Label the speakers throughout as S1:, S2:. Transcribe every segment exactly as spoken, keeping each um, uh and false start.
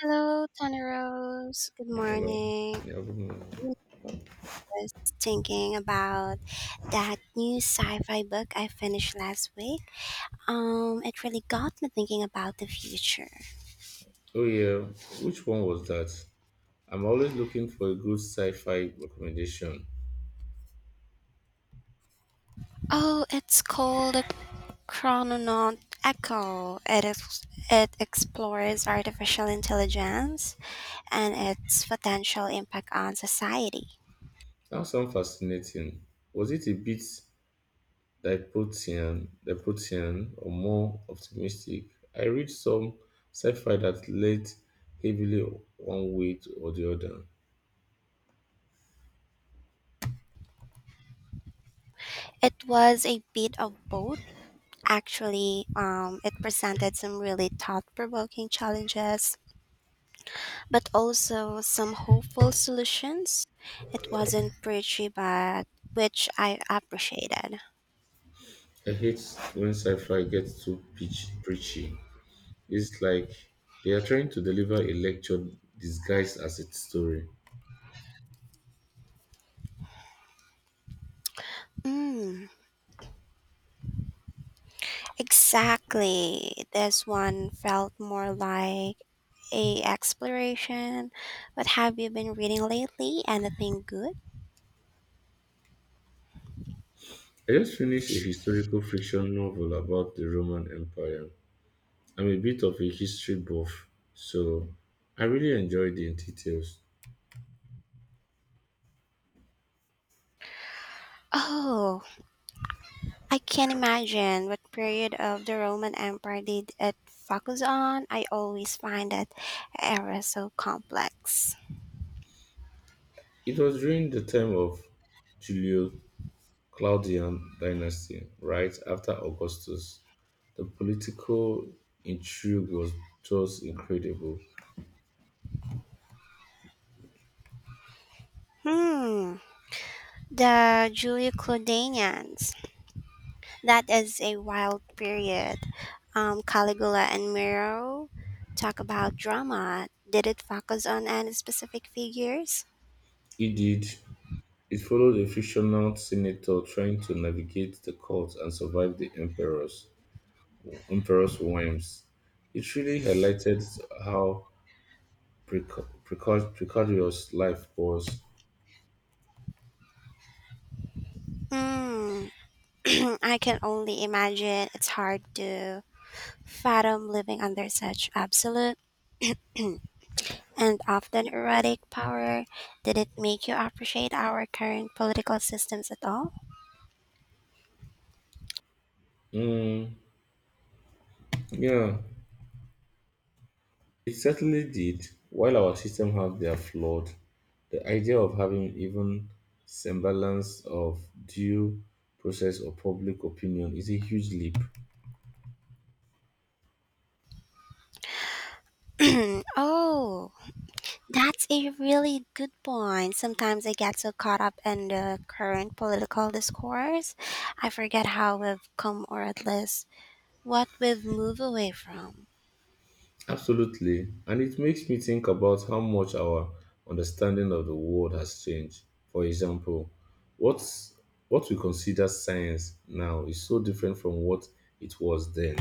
S1: Hello, Tana Rose. Good
S2: Hello.
S1: morning.
S2: Yeah, good morning.
S1: I was thinking about that new sci-fi book I finished last week. Um, it really got me thinking about the future.
S2: Oh yeah, which one was that? I'm always looking for a good sci-fi recommendation.
S1: Oh, it's called A Chrononaut Echo. It is, it explores artificial intelligence and its potential impact on society.
S2: Sounds sound fascinating. Was it a bit dystopian, dystopian, or more optimistic? I read some sci-fi that led heavily one way or the other.
S1: It was a bit of both, actually. Um, it presented some really thought-provoking challenges but also some hopeful solutions. It wasn't preachy, but which I appreciated.
S2: I hate when sci-fi gets too pitch, preachy. It's like they are trying to deliver a lecture disguised as a story.
S1: Mm, exactly. This one felt more like a exploration. What have you been reading lately? Anything good?
S2: I just finished a historical fiction novel about the Roman Empire. I'm a bit of a history buff, so I really enjoyed the details.
S1: Oh, I can't imagine what period of the Roman Empire did it focus on. I always find that era so complex.
S2: It was during the time of Julio Claudian dynasty, right after Augustus. The political intrigue was just incredible.
S1: Hmm, the Julio Claudinians. That is a wild period. Um, Caligula and Nero talk about drama. Did it focus on any specific figures?
S2: It did. It followed a fictional senator trying to navigate the court and survive the emperors. Emperor's whims. It really highlighted how preca- preca- precarious life was.
S1: Hmm. I can only imagine it's hard to fathom living under such absolute and often erratic power. Did it make you appreciate our current political systems at all?
S2: Mm, yeah, it certainly did. While our system have their flawed, the idea of having even semblance of due process or public opinion is a huge leap.
S1: Oh, that's a really good point. Sometimes I get so caught up in the current political discourse, I forget how we've come or at least what we've moved away from.
S2: Absolutely, and it makes me think about how much our understanding of the world has changed. For example, what's what we consider science now is so different from what it was then.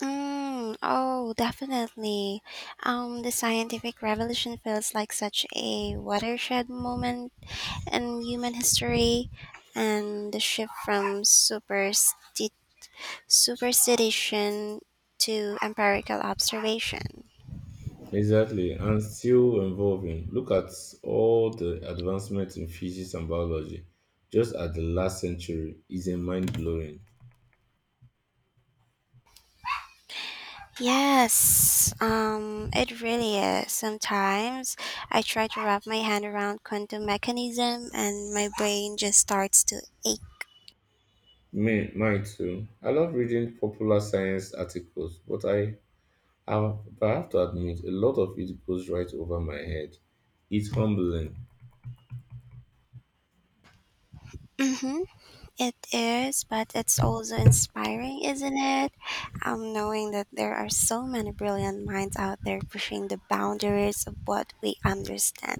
S1: Mm, oh, definitely. Um, the scientific revolution feels like such a watershed moment in human history, and the shift from supersti- superstition to empirical observation.
S2: Exactly, and still evolving. Look at all the advancements in physics and biology just at the last century is a mind blowing.
S1: Yes, um, it really is. Sometimes I try to wrap my hand around quantum mechanism and my brain just starts to ache.
S2: Me, mine too. I love reading popular science articles, but I I've, but I have to admit, a lot of it goes right over my head. It's humbling.
S1: Mm-hmm, it is, but it's also inspiring, isn't it? Um, knowing that there are so many brilliant minds out there pushing the boundaries of what we understand.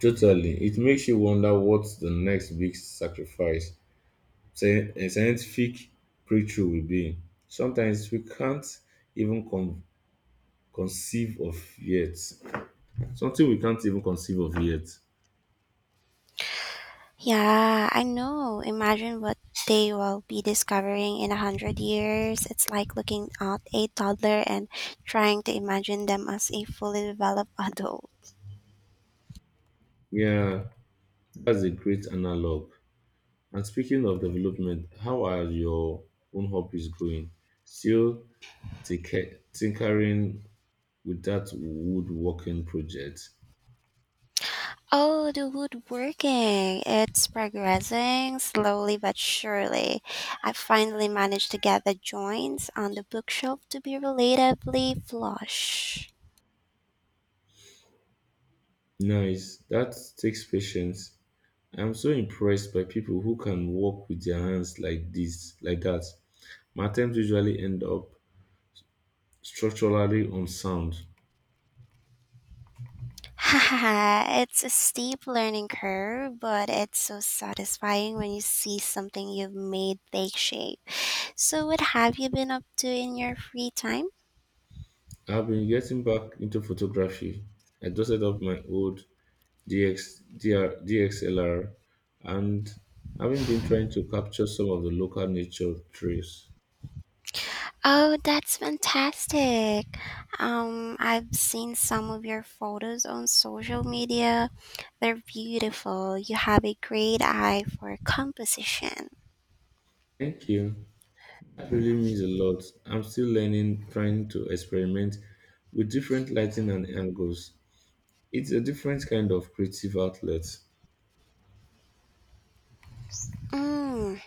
S2: Totally. It makes you wonder what the next big sacrifice, say, a scientific breakthrough will be. Sometimes we can't even con- conceive of yet. Something we can't even conceive of yet.
S1: Yeah, I know. Imagine what they will be discovering in a hundred years. It's like looking at a toddler and trying to imagine them as a fully developed adult.
S2: Yeah, that's a great analog. And speaking of development, how are your own hobbies going? Still tinker- tinkering with that woodworking project.
S1: Oh, the woodworking. It's progressing slowly but surely. I finally managed to get the joints on the bookshelf to be relatively flush.
S2: Nice. That takes patience. I'm so impressed by people who can work with their hands like this, like that. My attempts usually end up structurally unsound.
S1: Haha, it's a steep learning curve, but it's so satisfying when you see something you've made take shape. So, what have you been up to in your free time?
S2: I've been getting back into photography. I dusted off my old D X D R, and having been trying to capture some of the local nature trails.
S1: Oh, that's fantastic. Um, I've seen some of your photos on social media. They're beautiful. You have a great eye for composition.
S2: Thank you. That really means a lot. I'm still learning, trying to experiment with different lighting and angles. It's a different kind of creative outlet.
S1: Mm.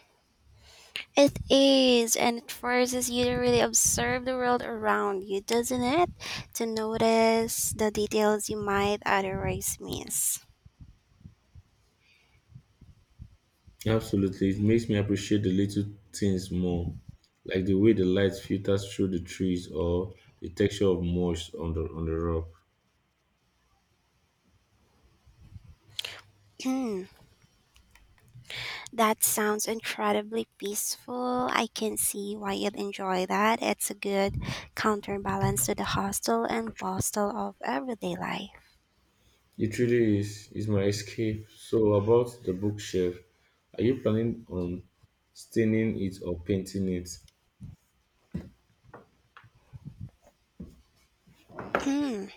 S1: It is, and it forces you to really observe the world around you, doesn't it? To notice the details you might otherwise miss.
S2: Absolutely, it makes me appreciate the little things more, like the way the light filters through the trees or the texture of moss on the on the rock.
S1: Hmm, that sounds incredibly peaceful. I can see why you'd enjoy that. It's a good counterbalance to the hustle and bustle of everyday life.
S2: It really is. It's my escape. So about the bookshelf, are you planning on staining it or painting it?
S1: Hmm,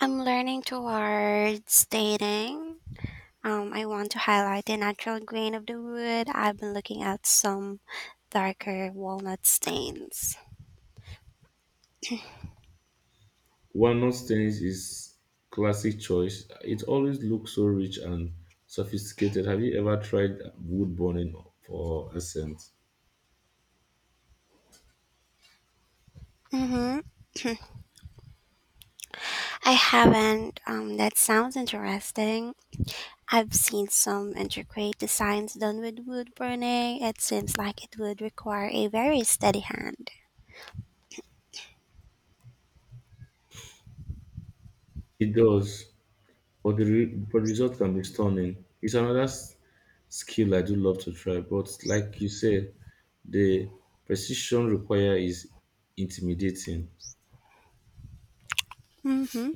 S1: I'm learning towards dating. Um, I want to highlight the natural grain of the wood. I've been looking at some darker walnut stains.
S2: Walnut stains is classic choice. It always looks so rich and sophisticated. Have you ever tried wood burning for a scent?
S1: Mm-hmm. I haven't. Um, that sounds interesting. I've seen some intricate designs done with wood burning. It seems like it would require a very steady hand.
S2: It does, but the, re- but the result can be stunning. It's another s- skill I do love to try, but like you said, the precision required is intimidating.
S1: Mm-hmm.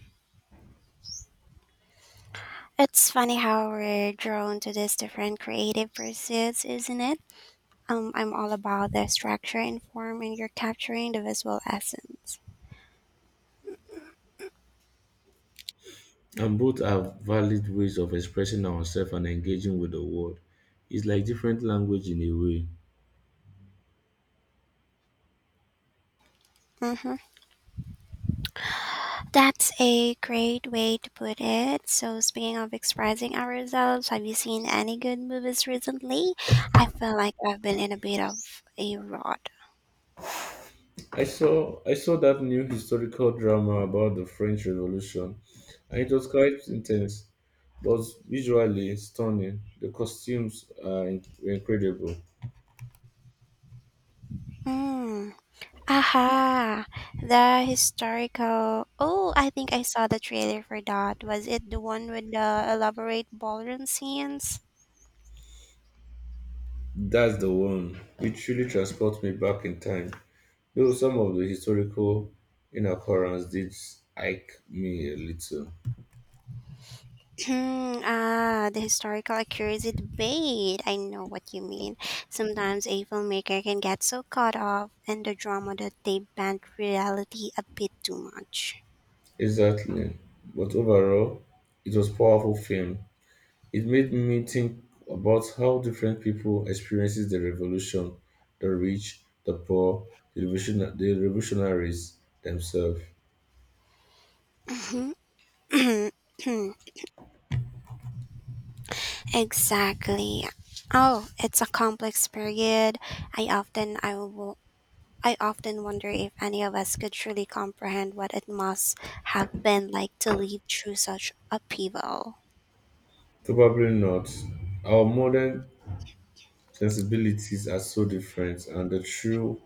S1: It's funny how we're drawn to these different creative pursuits, isn't it? Um, I'm all about the structure and form, and you're capturing the visual essence.
S2: And both are valid ways of expressing ourselves and engaging with the world. It's like different language in a way.
S1: Mm-hmm. That's a great way to put it. So, speaking of expressing ourselves, have you seen any good movies recently? I feel like I've been in a bit of a rut.
S2: I saw I saw that new historical drama about the French Revolution, and it was quite intense, but visually stunning. The costumes are in- were incredible.
S1: Hmm. Aha! The historical. Oh, I think I saw the trailer for that. Was it the one with the elaborate ballroom scenes?
S2: That's the one. It truly transports me back in time. Though some of the historical inaccuracies did ike me a little.
S1: Hmm, ah, the historical accuracy debate. I know what you mean. Sometimes a filmmaker can get so caught up in the drama that they bend reality a bit too much.
S2: Exactly. But overall, it was powerful film. It made me think about how different people experiences the revolution, the rich, the poor, the, revolution- the revolutionaries themselves.
S1: Mhm. Exactly. Oh, it's a complex period. I often I will I often wonder if any of us could truly comprehend what it must have been like to live through such upheaval.
S2: Probably not. Our modern sensibilities are so different, and the true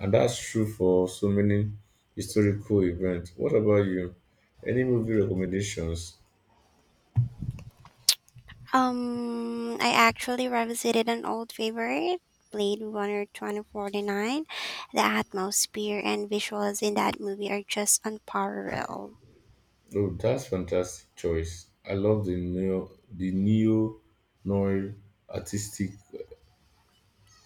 S2: and that's true for so many historical events. What about you? Any movie recommendations?
S1: Um, I actually revisited an old favorite, Blade Runner twenty forty-nine. The atmosphere and visuals in that movie are just unparalleled.
S2: Oh, that's fantastic choice. I love the neo the neo noir artistic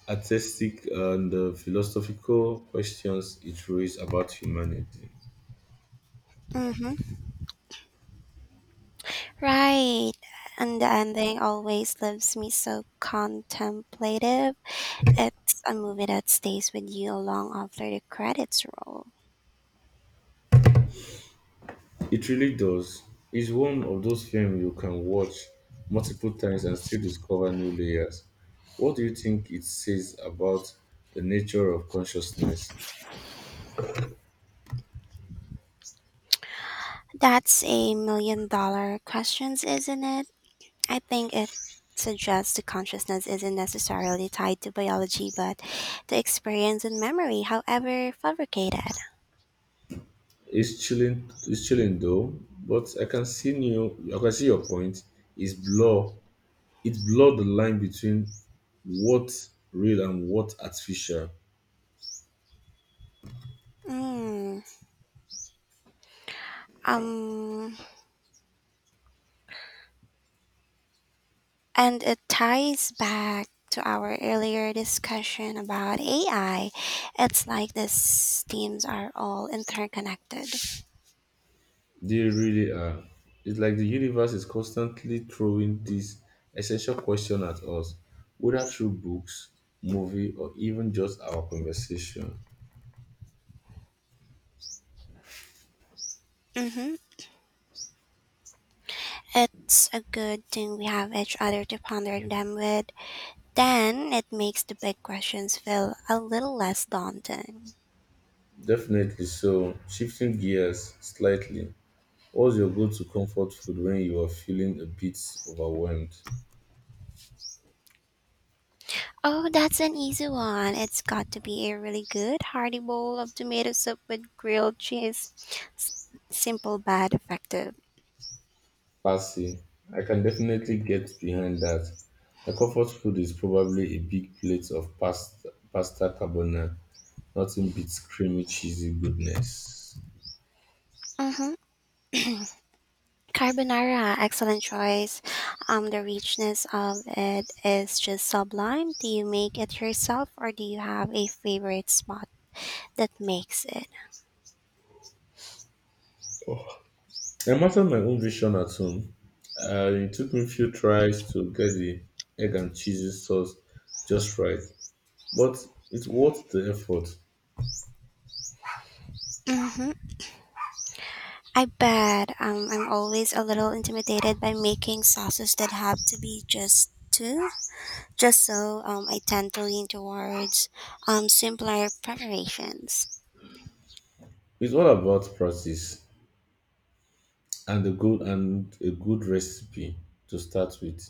S2: artistic and uh, philosophical questions it raises about humanity.
S1: Mm-hmm. Right. And the ending always leaves me so contemplative. It's a movie that stays with you long after the credits roll.
S2: It really does. It's one of those films you can watch multiple times and still discover new layers. What do you think it says about the nature of consciousness?
S1: That's a million dollar questions, isn't it? I think it suggests the consciousness isn't necessarily tied to biology, but to experience and memory, however fabricated.
S2: It's chilling. It's chilling though, but I can see you. I can see your point. It's blur. It blur the line between what real and what artificial.
S1: Mm, um, and it ties back to our earlier discussion about A I. It's like these themes are all interconnected.
S2: They really are. It's like the universe is constantly throwing this essential question at us, whether through books, movie, or even just our conversation.
S1: Mm-hmm. It's a good thing we have each other to ponder them with. Then it makes the big questions feel a little less daunting.
S2: Definitely. So, shifting gears slightly, what's your go-to comfort food when you are feeling a bit overwhelmed?
S1: Oh, that's an easy one. It's got to be a really good, hearty bowl of tomato soup with grilled cheese. S- simple but effective.
S2: Parsley. I can definitely get behind that. My comfort food is probably a big plate of pasta, pasta carbonara. Nothing beats creamy, cheesy goodness.
S1: Hmm. Carbonara, excellent choice. Um, the richness of it is just sublime. Do you make it yourself or do you have a favorite spot that makes it?
S2: I mastered my own vision at home. Uh, it took me a few tries to get the egg and cheese sauce just right, but it's worth the effort.
S1: Hmm. I bet. um, I'm always a little intimidated by making sauces that have to be just two. Just so, um, I tend to lean towards um, simpler preparations.
S2: It's all about practice and a good and a good recipe to start with.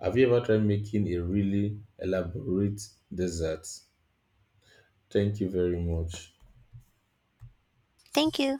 S2: Have you ever tried making a really elaborate dessert? Thank you very much.
S1: Thank you.